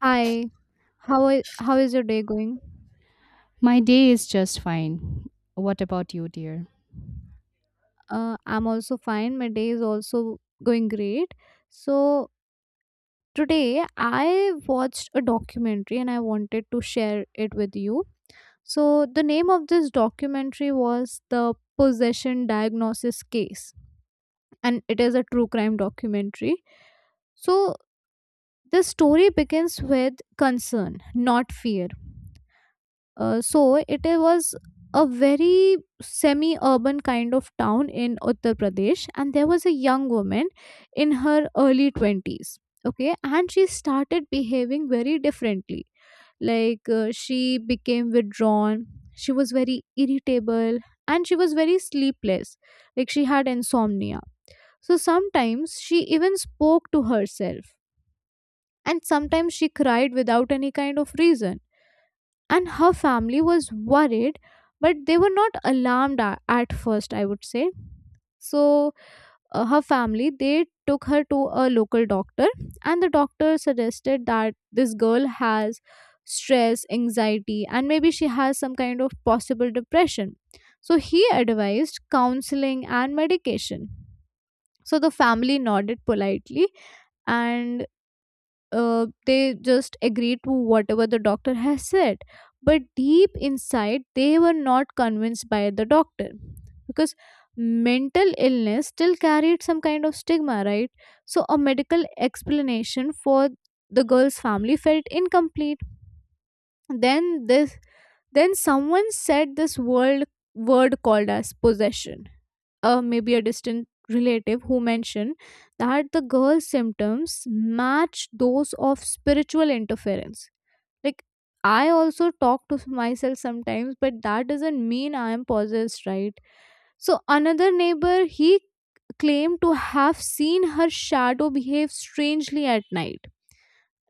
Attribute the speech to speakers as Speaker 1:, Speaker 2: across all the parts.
Speaker 1: Hi, how is your day going?
Speaker 2: My day is just fine. What about you, dear?
Speaker 1: I'm also fine. My day is also going great. So today I watched a documentary and I wanted to share it with you. So the name of this documentary was the Possession Diagnosis Case, and it is a true crime documentary. So the story begins with concern, not fear. So it was a very semi-urban kind of town in Uttar Pradesh, and there was a young woman in her early twenties. Okay, and she started behaving very differently. Like she became withdrawn. She was very irritable, and she was very sleepless. Like she had insomnia. So sometimes she even spoke to herself, and sometimes she cried without any kind of reason, and her family was worried, but they were not alarmed at first, I would say. So her family, they took her to a local doctor, and the doctor suggested that this girl has stress, anxiety, and maybe she has some kind of possible depression. So he advised counseling and medication. So the family nodded politely, and they just agreed to whatever the doctor has said. But deep inside, they were not convinced by the doctor, because mental illness still carried some kind of stigma, right? So, a medical explanation for the girl's family felt incomplete. Then this then someone said this world word called as possession. Maybe a distant relative who mentioned that the girl's symptoms match those of spiritual interference. Like, I also talk to myself sometimes, but that doesn't mean I am possessed, right? So another neighbor, he claimed to have seen her shadow behave strangely at night.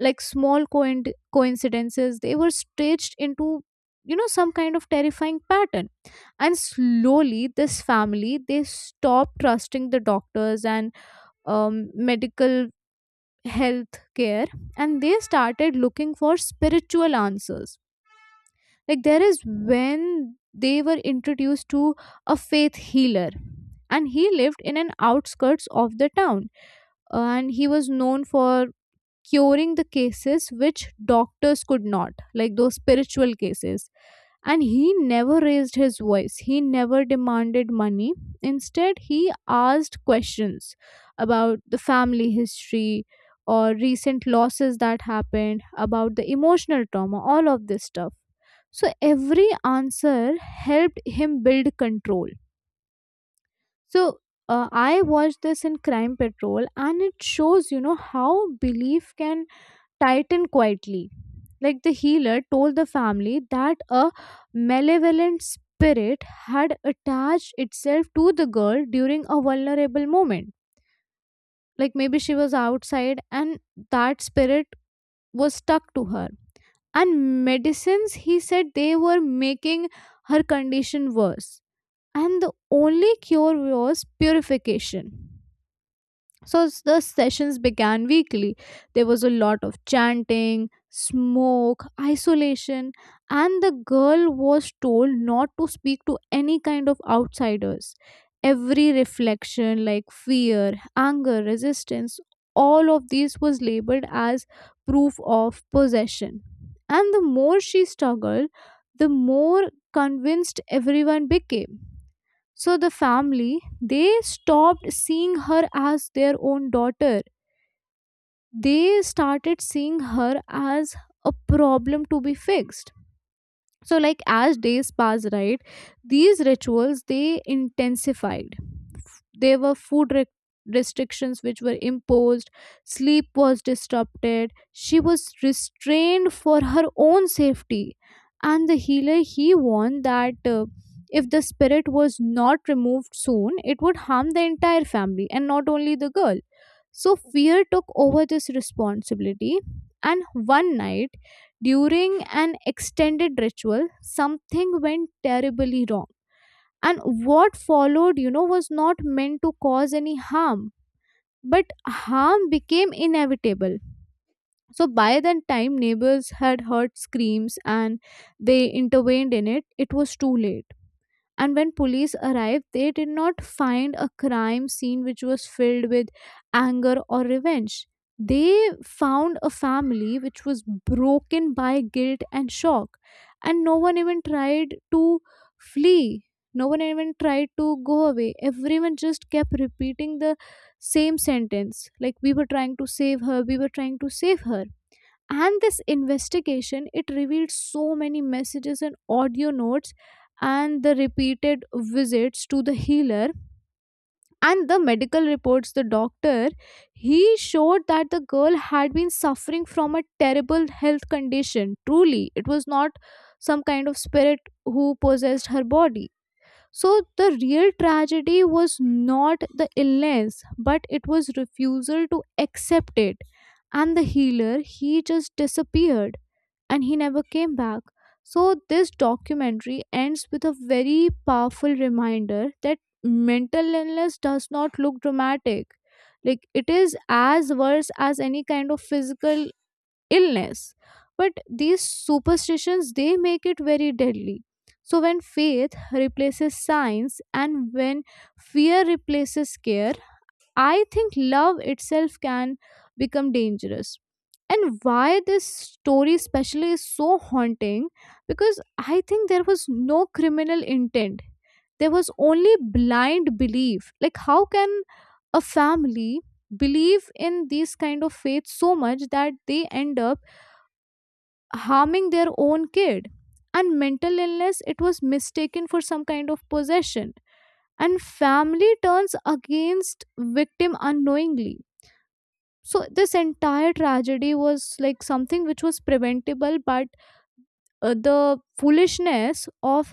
Speaker 1: Like small coincidences, they were stitched into some kind of terrifying pattern. And slowly this family, they stopped trusting the doctors and medical health care, and they started looking for spiritual answers. Like, there is when they were introduced to a faith healer, and he lived in an outskirts of the town, and he was known for curing the cases which doctors could not, like those spiritual cases. And he never raised his voice, he never demanded money. Instead, he asked questions about the family history or recent losses that happened, about the emotional trauma, all of this stuff. So every answer helped him build control. So I watched this in Crime Patrol, and it shows how belief can tightened quietly. Like, the healer told the family that a malevolent spirit had attached itself to the girl during a vulnerable moment. Like maybe she was outside and that spirit was stuck to her. And medicines, he said, they were making her condition worse. And the only cure was purification. So the sessions began weekly. There was a lot of chanting, smoke, isolation, and the girl was told not to speak to any kind of outsiders. Every reflection, like fear, anger, resistance, all of these was labeled as proof of possession. And the more she struggled, the more convinced everyone became. So the family, they stopped seeing her as their own daughter. They started seeing her as a problem to be fixed. So like as days passed, right, these rituals they intensified. There were food restrictions which were imposed, sleep was disrupted, she was restrained for her own safety. And the healer, he warned that if the spirit was not removed soon, it would harm the entire family and not only the girl. So fear took over this responsibility. And one night, during an extended ritual, something went terribly wrong, and what followed, was not meant to cause any harm, but harm became inevitable. So by that time, neighbors had heard screams, and they intervened in it, it was too late. And when police arrived, they did not find a crime scene which was filled with anger or revenge. They found a family which was broken by guilt and shock. And no one even tried to flee, no one even tried to go away. Everyone just kept repeating the same sentence, like, we were trying to save her, we were trying to save her. And this investigation, it revealed so many messages and audio notes, and the repeated visits to the healer. And the medical reports, the doctor, he showed that the girl had been suffering from a terrible health condition, truly it was not some kind of spirit who possessed her body. So the real tragedy was not the illness, but it was refusal to accept it. And the healer, he just disappeared, and he never came back. So, this documentary ends with a very powerful reminder that mental illness does not look dramatic. Like, it is as worse as any kind of physical illness. But these superstitions, they make it very deadly. So, when faith replaces science and when fear replaces care, I think love itself can become dangerous. And why this story especially is so haunting, because I think there was no criminal intent. There was only blind belief. Like, how can a family believe in these kind of faith so much that they end up harming their own kid? And mental illness, it was mistaken for some kind of possession. And family turns against victim unknowingly. So this entire tragedy was like something which was preventable, but the foolishness of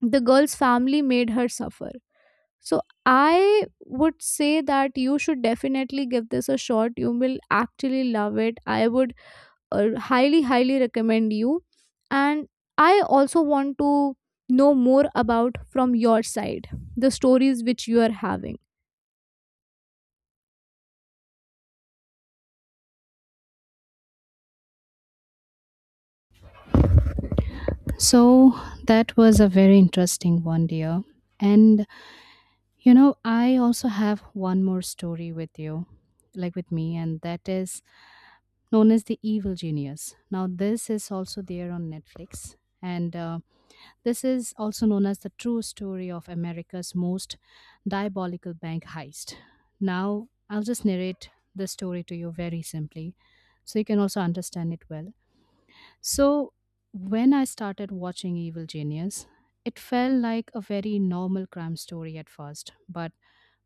Speaker 1: the girl's family made her suffer. So I would say that you should definitely give this a shot, you will actually love it. I would highly highly recommend you. And I also want to know more about from your side, the stories which you are having.
Speaker 2: So, that was a very interesting one, dear. And you know, I also have one more story with you, like with me, and that is known as The Evil Genius. Now, this is also there on Netflix. And this is also known as the true story of America's most diabolical bank heist. Now, I'll just narrate the story to you very simply so you can also understand it well. So, when I started watching Evil Genius, it felt like a very normal crime story at first, but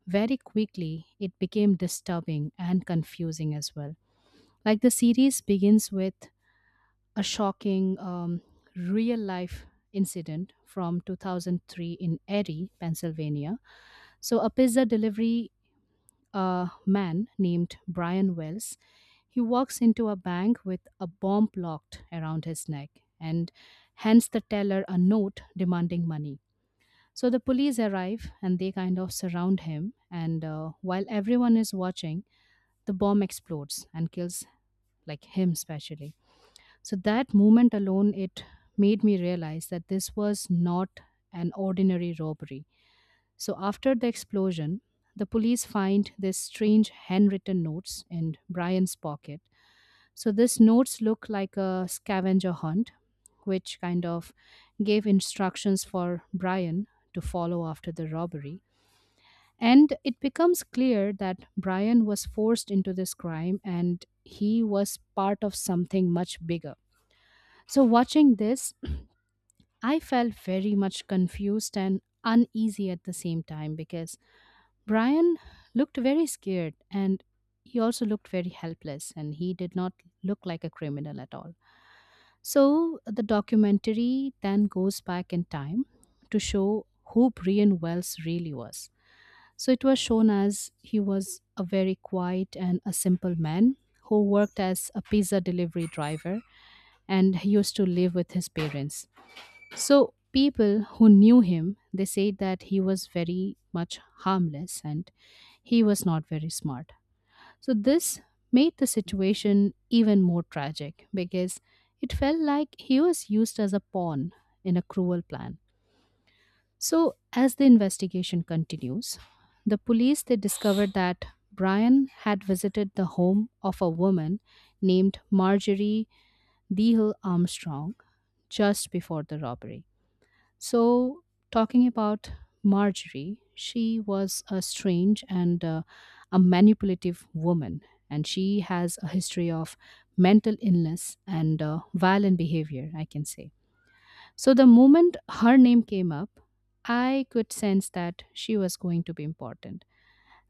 Speaker 2: very quickly it became disturbing and confusing as well. Like the series begins with a shocking real life incident from 2003 in Erie, Pennsylvania. So, a pizza delivery a man named Brian Wells. He walks into a bank with a bomb locked around his neck and hands the teller a note demanding money. So the police arrive and they kind of surround him. And while everyone is watching, the bomb explodes and kills like him especially. So that moment alone, it made me realize that this was not an ordinary robbery. So after the explosion, the police find these strange handwritten notes in Brian's pocket. So these notes look like a scavenger hunt, which kind of gave instructions for Brian to follow after the robbery. And it becomes clear that Brian was forced into this crime and he was part of something much bigger. So, watching this, I felt very much confused and uneasy at the same time because Brian looked very scared and he also looked very helpless and he did not look like a criminal at all. So the documentary then goes back in time to show who Brian Wells really was. So it was shown as he was a very quiet and a simple man who worked as a pizza delivery driver and he used to live with his parents. So people who knew him, they said that he was very much harmless and he was not very smart. So this made the situation even more tragic because it felt like he was used as a pawn in a cruel plan. So as the investigation continues, the police they discovered that Brian had visited the home of a woman named Marjorie Dehill Armstrong just before the robbery. So, talking about Marjorie, she was a strange and a manipulative woman, and she has a history of mental illness and violent behavior, I can say. So, the moment her name came up, I could sense that she was going to be important.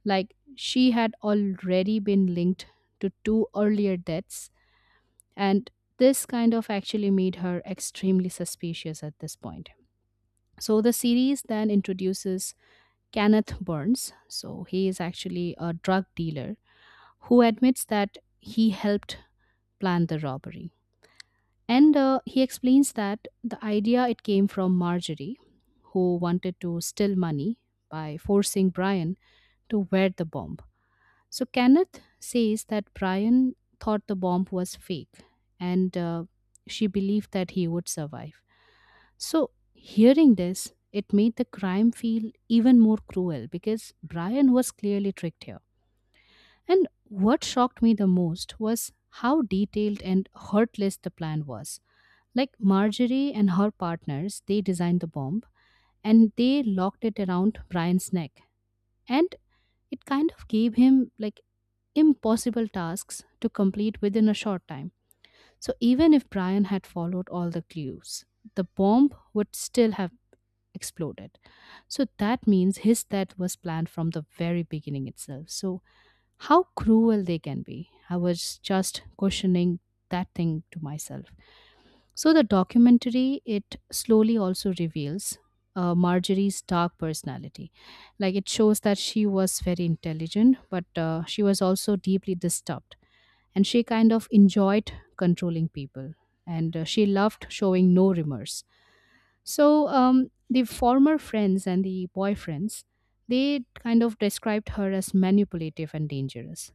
Speaker 2: Like, she had already been linked to two earlier deaths, and this kind of actually made her extremely suspicious at this point. So the series then introduces Kenneth Burns. So he is actually a drug dealer who admits that he helped plan the robbery. And he explains that the idea it came from Marjorie, who wanted to steal money by forcing Brian to wear the bomb. So Kenneth says that Brian thought the bomb was fake and she believed that he would survive. So, hearing this, it made the crime feel even more cruel because Brian was clearly tricked here. And what shocked me the most was how detailed and heartless the plan was. Like Marjorie and her partners, they designed the bomb and they locked it around Brian's neck. And it kind of gave him like impossible tasks to complete within a short time. So even if Brian had followed all the clues, the bomb would still have exploded. So that means his death was planned from the very beginning itself. So, how cruel they can be. I was just questioning that thing to myself. So, the documentary, it slowly also reveals Marjorie's dark personality. Like, it shows that she was very intelligent, but she was also deeply disturbed. And she kind of enjoyed controlling people. And she loved showing no remorse so the former friends and the boyfriends, they kind of described her as manipulative and dangerous.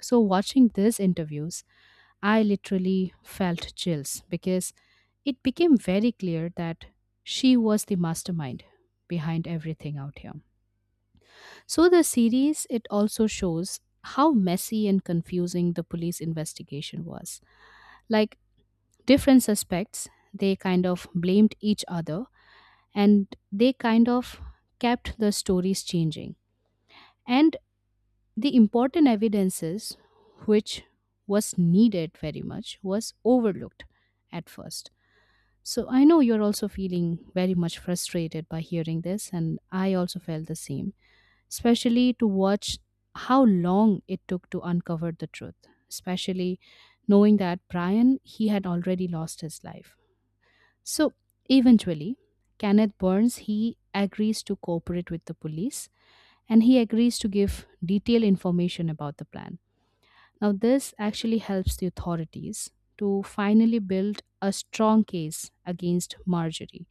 Speaker 2: So watching these interviews, I literally felt chills because it became very clear that she was the mastermind behind everything out here. So the series it also shows how messy and confusing the police investigation was. Like different suspects, they kind of blamed each other and they kind of kept the stories changing. And the important evidences, which was needed very much, was overlooked at first. So I know you're also feeling very much frustrated by hearing this, and I also felt the same, especially to watch how long it took to uncover the truth, especially knowing that Brian, he had already lost his life. So eventually, Kenneth Burns he agrees to cooperate with the police and he agrees to give detailed information about the plan. Now this actually helps the authorities to finally build a strong case against Marjorie.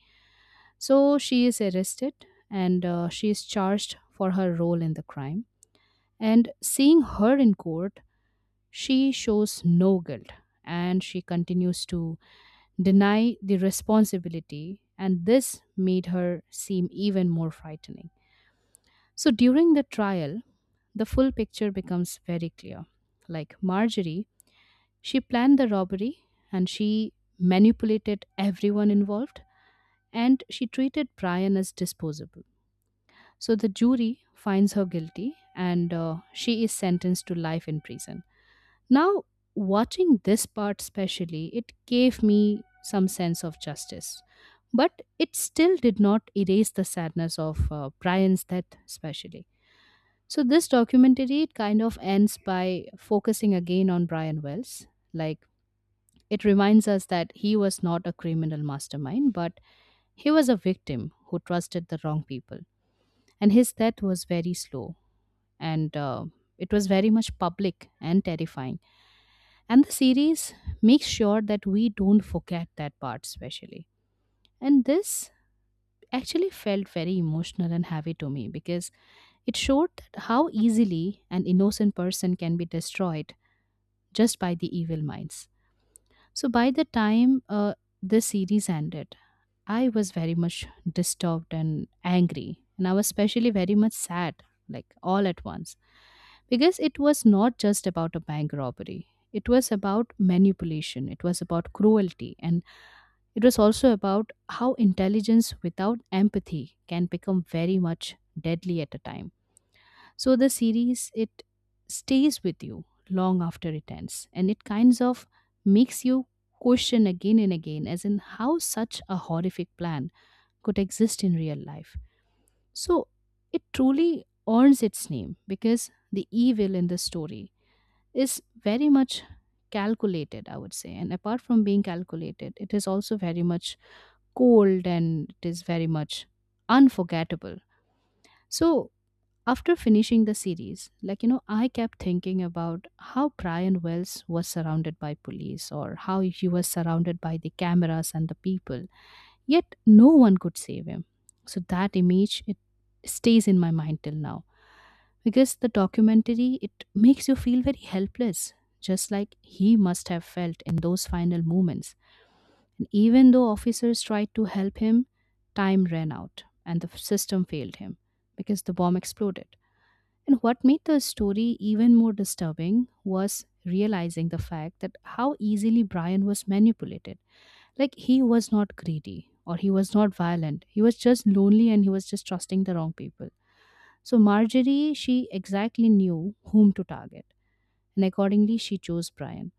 Speaker 2: So she is arrested and she is charged for her role in the crime. And seeing her in court, she shows no guilt and she continues to deny the responsibility, and this made her seem even more frightening. So during the trial, the full picture becomes very clear. Like Marjorie, she planned the robbery and she manipulated everyone involved and she treated Brian as disposable. So the jury finds her guilty and she is sentenced to life in prison. Now, watching this part specially, it gave me some sense of justice. But it still did not erase the sadness of Brian's death, especially. So, this documentary it kind of ends by focusing again on Brian Wells. Like, it reminds us that he was not a criminal mastermind, but he was a victim who trusted the wrong people. And his death was very slow and it was very much public and terrifying and the series makes sure that we don't forget that part, especially. And this actually felt very emotional and heavy to me because it showed that how easily an innocent person can be destroyed just by the evil minds. So, by the time the series ended, I was very much disturbed and angry. And I was especially very much sad, like all at once because it was not just about a bank robbery, it was about manipulation, it was about cruelty and it was also about how intelligence without empathy can become very much deadly at a time. So the series it stays with you long after it ends and it kinds of makes you question again and again as in how such a horrific plan could exist in real life. So it truly earns its name because the evil in the story is very much calculated, I would say. And apart from being calculated, it is also very much cold and it is very much unforgettable. So, after finishing the series, like, you know, I kept thinking about how Brian Wells was surrounded by police or how he was surrounded by the cameras and the people, yet no one could save him. So, that image, it stays in my mind till now because the documentary, it makes you feel very helpless, just like he must have felt in those final moments. And even though officers tried to help him, time ran out and the system failed him because the bomb exploded. And what made the story even more disturbing was realizing the fact that how easily Brian was manipulated. Like he was not greedy or he was not violent. He was just lonely and he was just trusting the wrong people. So Marjorie, she exactly knew whom to target, and accordingly, she chose Brian.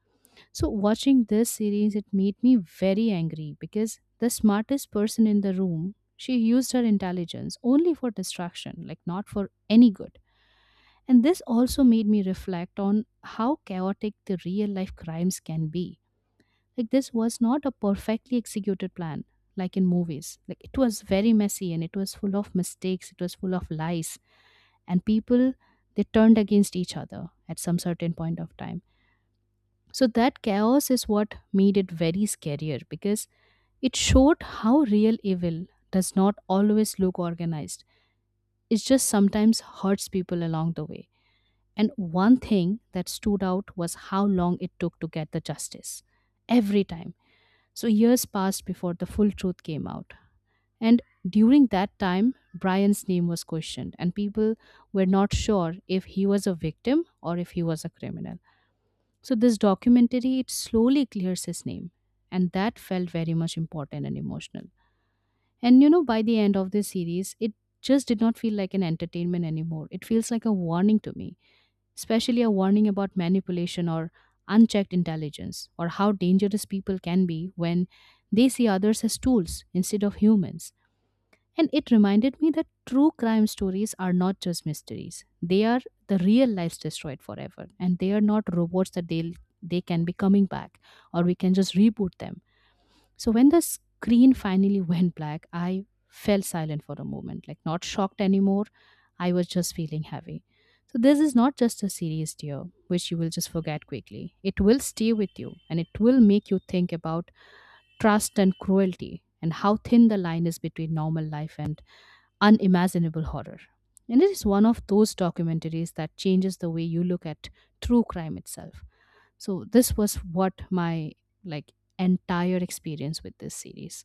Speaker 2: So watching this series, it made me very angry because the smartest person in the room, she used her intelligence only for distraction, like not for any good. And this also made me reflect on how chaotic the real life crimes can be. Like, this was not a perfectly executed plan, like in movies. Like, it was very messy and it was full of mistakes, it was full of lies and people they turned against each other at some certain point of time. So that chaos is what made it very scarier because it showed how real evil does not always look organized, it just sometimes hurts people along the way. And one thing that stood out was how long it took to get the justice every time. So years passed before the full truth came out and during that time, Brian's name was questioned, and people were not sure if he was a victim or if he was a criminal. So this documentary it slowly clears his name, and that felt very much important and emotional. And you know, by the end of this series, it just did not feel like an entertainment anymore. It feels like a warning to me, especially a warning about manipulation or unchecked intelligence, or how dangerous people can be when they see others as tools instead of humans. And it reminded me that true crime stories are not just mysteries. They are the real lives destroyed forever. And they are not robots that they can be coming back or we can just reboot them. So when the screen finally went black, I fell silent for a moment, like not shocked anymore. I was just feeling heavy. So this is not just a series, dear, which you will just forget quickly. It will stay with you and it will make you think about trust and cruelty and how thin the line is between normal life and unimaginable horror. And it is one of those documentaries that changes the way you look at true crime itself. So this was what my like entire experience with this series.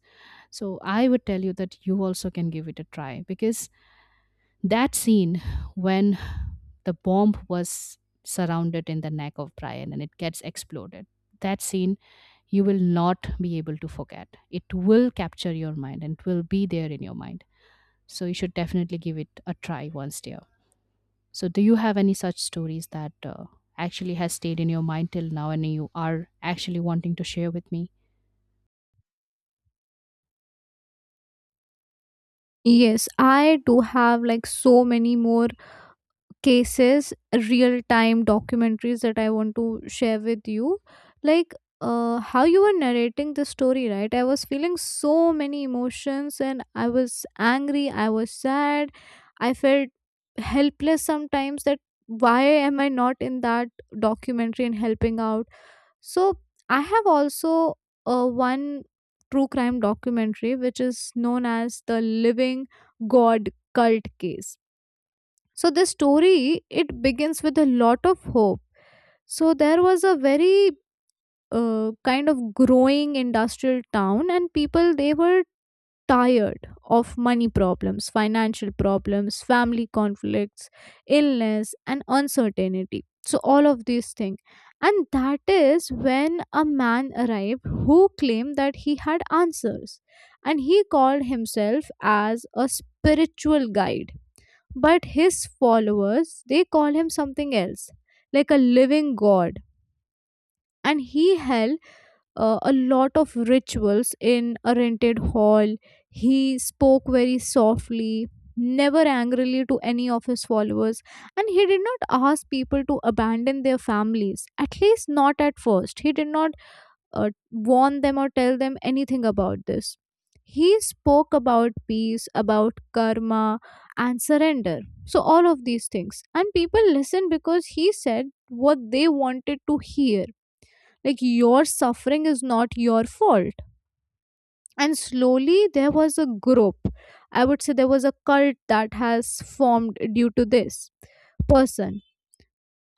Speaker 2: So I would tell you that you also can give it a try because that scene when the bomb was surrounded in the neck of Brian and it gets exploded, that scene you will not be able to forget. It will capture your mind and it will be there in your mind. So you should definitely give it a try once there. So do you have any such stories that actually has stayed in your mind till now and you are actually wanting to share with me?
Speaker 1: Yes, I do have like so many more cases, real time documentaries that I want to share with you. Like, how you were narrating the story, right, I was feeling so many emotions, and I was angry, I was sad, I felt helpless sometimes, that why am I not in that documentary and helping out. So I have also one true crime documentary which is known as the Living God Cult Case. So the story, it begins with a lot of hope. So there was a very kind of growing industrial town, and people they were tired of money problems, financial problems, family conflicts, illness, and uncertainty, so all of these things. And that is when a man arrived who claimed that he had answers, and he called himself as a spiritual guide, but his followers, they call him something else, like a living god. And he held a lot of rituals in a rented hall. He spoke very softly, never angrily to any of his followers. And he did not ask people to abandon their families, at least not at first. He did not warn them or tell them anything about this. He spoke about peace, about karma, and surrender. So, all of these things. And people listened because he said what they wanted to hear. Like, your suffering is not your fault. And slowly, there was a group. I would say there was a cult that has formed due to this person.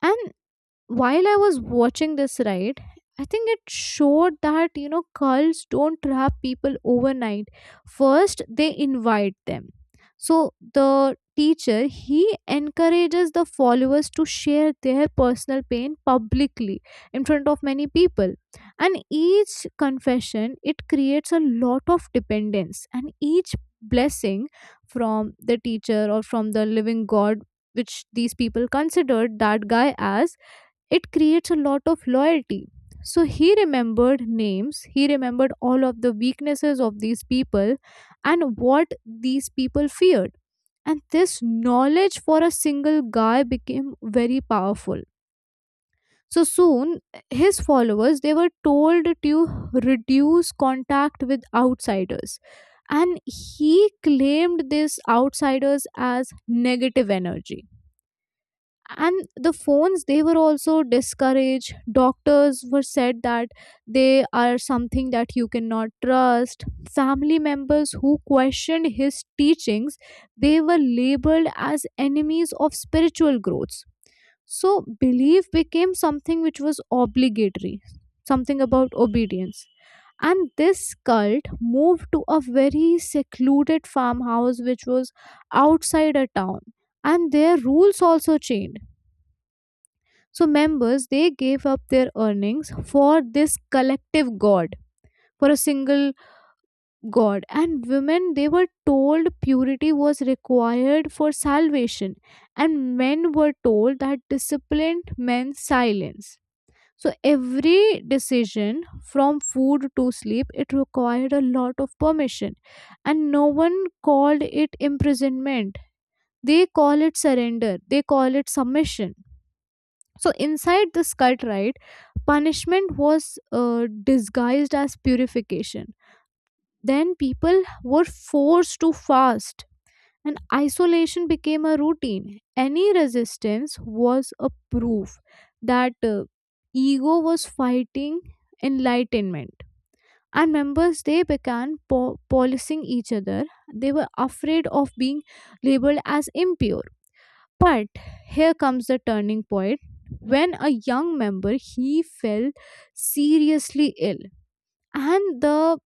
Speaker 1: And while I was watching this ride, I think it showed that cults don't trap people overnight. First, they invite them. So the teacher, he encourages the followers to share their personal pain publicly in front of many people, and each confession, it creates a lot of dependence. And each blessing from the teacher or from the living god, which these people considered that guy as, it creates a lot of loyalty. So he remembered names, he remembered all of the weaknesses of these people and what these people feared, and this knowledge for a single guy became very powerful. So soon, his followers, they were told to reduce contact with outsiders, and he claimed these outsiders as negative energy. And the phones, they were also discouraged. Doctors were said that they are something that you cannot trust. Family members who questioned his teachings, they were labeled as enemies of spiritual growths. So belief became something which was obligatory, something about obedience. And this cult moved to a very secluded farmhouse which was outside a town, and their rules also changed. So members, they gave up their earnings for this collective god, for a single god. And women, they were told purity was required for salvation, and men were told that discipline meant silence. So every decision, from food to sleep, it required a lot of permission. And no one called it imprisonment, they call it surrender, they call it submission. So inside this cult, right, punishment was disguised as purification. Then people were forced to fast, and isolation became a routine. Any resistance was a proof that ego was fighting enlightenment. And members, they began policing each other, they were afraid of being labeled as impure. But here comes the turning point. When a young member, he fell seriously ill, and the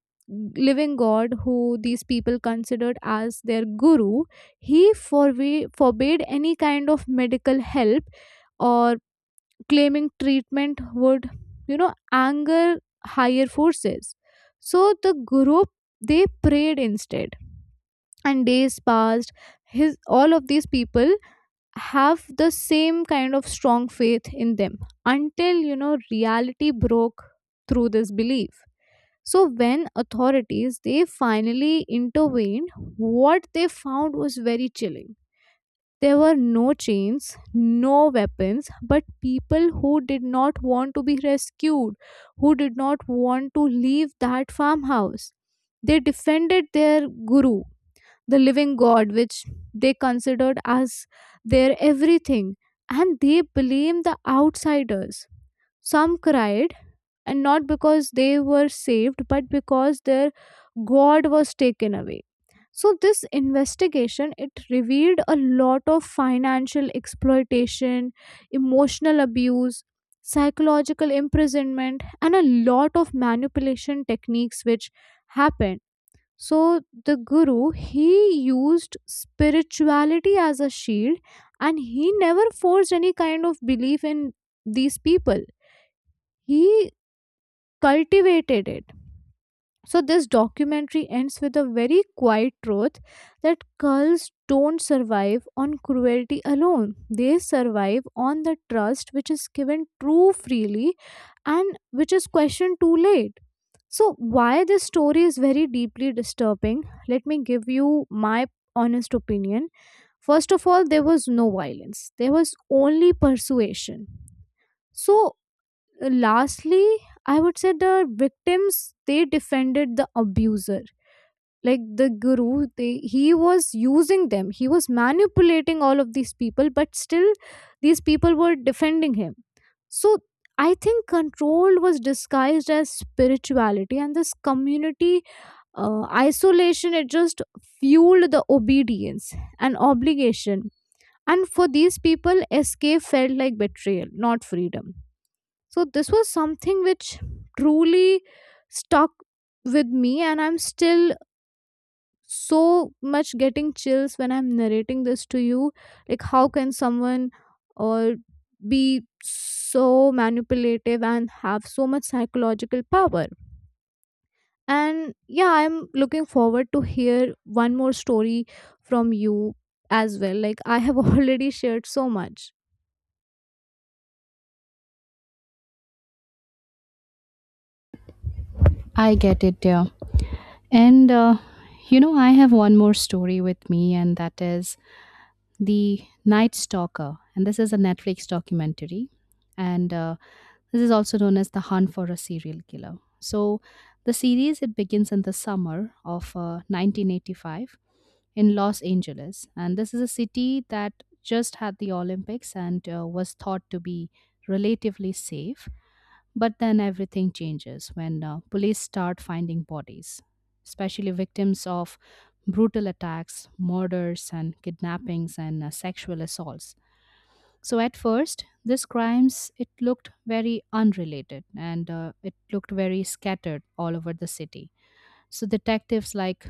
Speaker 1: living god, who these people considered as their guru, he forbade any kind of medical help, or claiming treatment would, anger higher forces. So the guru, they prayed instead, and days passed. His all of these people have the same kind of strong faith in them, until reality broke through this belief. So when authorities, they finally intervened, what they found was very chilling. There were no chains, no weapons, but people who did not want to be rescued, who did not want to leave that farmhouse. They defended their guru, the living God, which they considered as their everything, and they blamed the outsiders. Some cried, and not because they were saved, but because their God was taken away. So this investigation, it revealed a lot of financial exploitation, emotional abuse, psychological imprisonment, and a lot of manipulation techniques which happened. So the guru, he used spirituality as a shield, and he never forced any kind of belief in these people. He cultivated it. So this documentary ends with a very quiet truth, that cults don't survive on cruelty alone. They survive on the trust which is given too freely and which is questioned too late. So, why this story is very deeply disturbing, let me give you my honest opinion. First of all, there was no violence, there was only persuasion. So, lastly, I would say the victims, they defended the abuser. Like the guru, he was using them, he was manipulating all of these people, but still, these people were defending him. So, I think control was disguised as spirituality, and this community isolation, it just fueled the obedience and obligation. And for these people, escape felt like betrayal, not freedom. So this was something which truly stuck with me, and I'm still so much getting chills when I'm narrating this to you. Like how can someone, or be so manipulative and have so much psychological power. And yeah, I'm looking forward to hear one more story from you as well, like I have already shared so much.
Speaker 2: I get it, dear. And You know, I have one more story with me, and that is The Night Stalker, and this is a Netflix documentary, and this is also known as the Hunt for a Serial Killer. So, the series it begins in the summer of 1985 in Los Angeles, and this is a city that just had the Olympics and was thought to be relatively safe. But then everything changes when police start finding bodies, especially victims of brutal attacks, murders, and kidnappings and sexual assaults. So at first, these crimes it looked very unrelated and it looked very scattered all over the city. So detectives like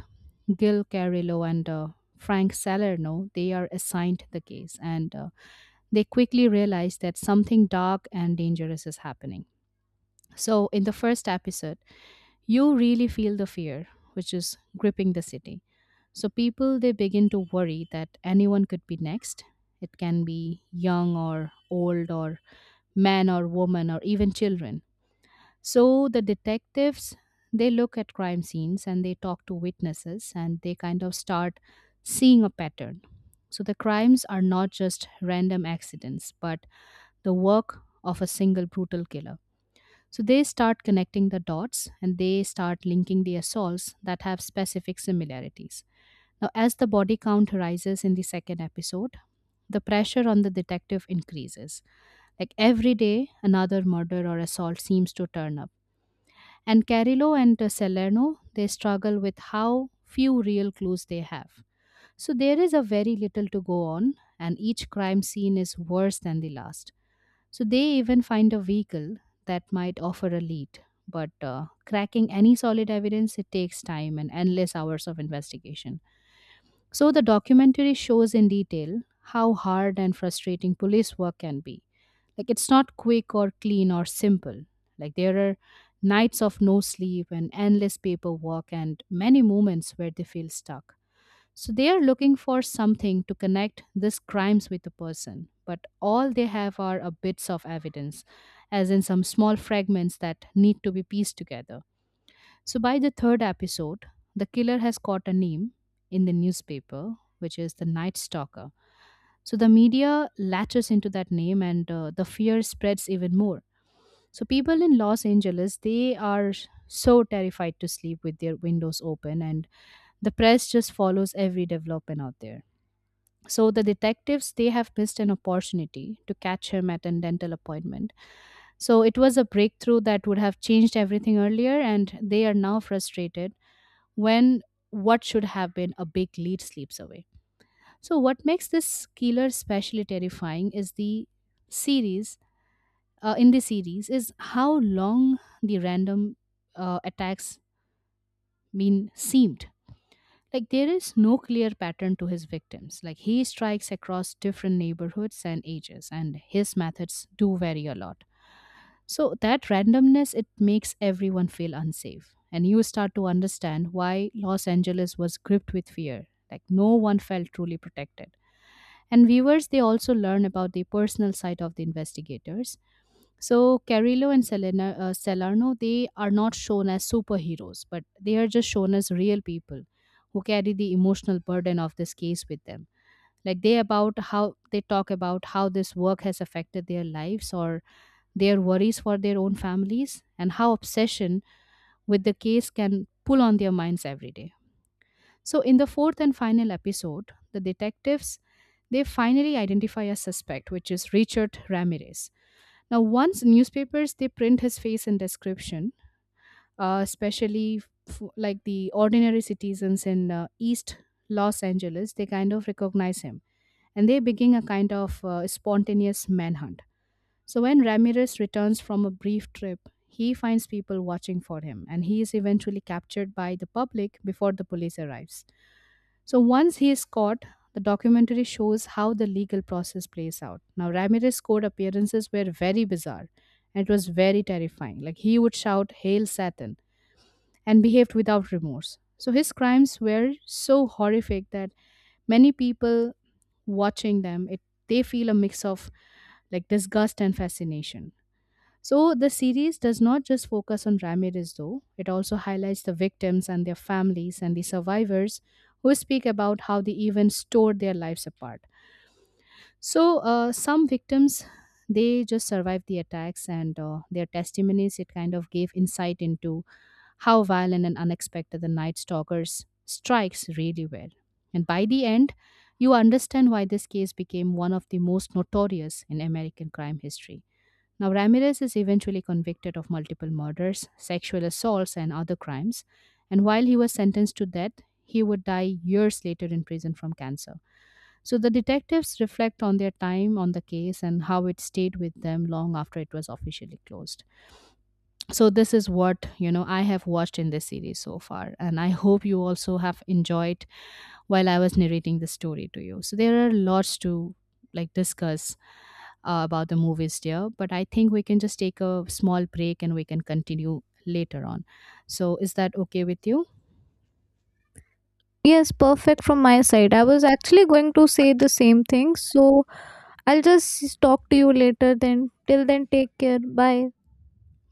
Speaker 2: Gil Carillo and Frank Salerno they are assigned the case and they quickly realize that something dark and dangerous is happening. So, in the first episode, you really feel the fear, which is gripping the city. So, people they begin to worry that anyone could be next. It can be young or old, or man or woman, or even children. So, the detectives they look at crime scenes and they talk to witnesses and they kind of start seeing a pattern. So, the crimes are not just random accidents, but the work of a single brutal killer. So they start connecting the dots and they start linking the assaults that have specific similarities. Now, as the body count rises in the second episode, the pressure on the detective increases. Like every day, another murder or assault seems to turn up. And Carillo and Salerno, they struggle with how few real clues they have. So there is a very little to go on, and each crime scene is worse than the last. So they even find a vehicle that might offer a lead. But cracking any solid evidence, it takes time and endless hours of investigation. So the documentary shows in detail how hard and frustrating police work can be. Like it's not quick or clean or simple. Like there are nights of no sleep and endless paperwork and many moments where they feel stuck. So they are looking for something to connect these crimes with the person, but all they have are a bits of evidence, as in some small fragments that need to be pieced together. So by the third episode, the killer has caught a name in the newspaper, which is the Night Stalker. So the media latches into that name, and the fear spreads even more. So people in Los Angeles, they are so terrified to sleep with their windows open, and the press just follows every development out there. So the detectives they have missed an opportunity to catch him at a dental appointment. So it was a breakthrough that would have changed everything earlier and they are now frustrated when what should have been a big lead slips away. So what makes this killer especially terrifying is series the series is how long the random attacks mean seemed. Like there is no clear pattern to his victims. Like he strikes across different neighborhoods and ages, and his methods do vary a lot. So that randomness it makes everyone feel unsafe. And you start to understand why Los Angeles was gripped with fear. Like no one felt truly protected. And viewers they also learn about the personal side of the investigators so Carrillo and Salerno, they are not shown as superheroes, but they are just shown as real people who carry the emotional burden of this case with them. Like they talk about how this work has affected their lives or their worries for their own families and how obsession with the case can pull on their minds every day. So in the fourth and final episode, the detectives they finally identify a suspect, which is Richard Ramirez. Now, once newspapers they print his face and description, especially like the ordinary citizens in East Los Angeles, they kind of recognize him and they begin a kind of spontaneous manhunt. So when Ramirez returns from a brief trip, he finds people watching for him and he is eventually captured by the public before the police arrives. So once he is caught, the documentary shows how the legal process plays out. Now, Ramirez's court appearances were very bizarre and it was very terrifying. Like he would shout, Hail Satan, and behaved without remorse. So his crimes were so horrific that many people watching them, they feel a mix of like disgust and fascination. So the series does not just focus on Ramirez, though, it also highlights the victims and their families and the survivors who speak about how the events tore their lives apart. So some victims they just survived the attacks and their testimonies it kind of gave insight into how violent and unexpected the night stalkers strikes really were and by the end you understand why this case became one of the most notorious in american crime history. Now, Ramirez is eventually convicted of multiple murders, sexual assaults, and other crimes. And while he was sentenced to death, he would die years later in prison from cancer. So the detectives reflect on their time on the case and how it stayed with them long after it was officially closed. So this is what you know I have watched in this series so far and I hope you also have enjoyed while I was narrating the story to you. So there are lots to discuss about the movies, dear, but I think we can just take a small break and we can continue later on. So is that okay with you?
Speaker 1: Yes, perfect from my side, I was actually going to say the same thing. So I'll just talk to you later, then till then, take care, bye.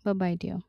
Speaker 2: Bye bye, dear.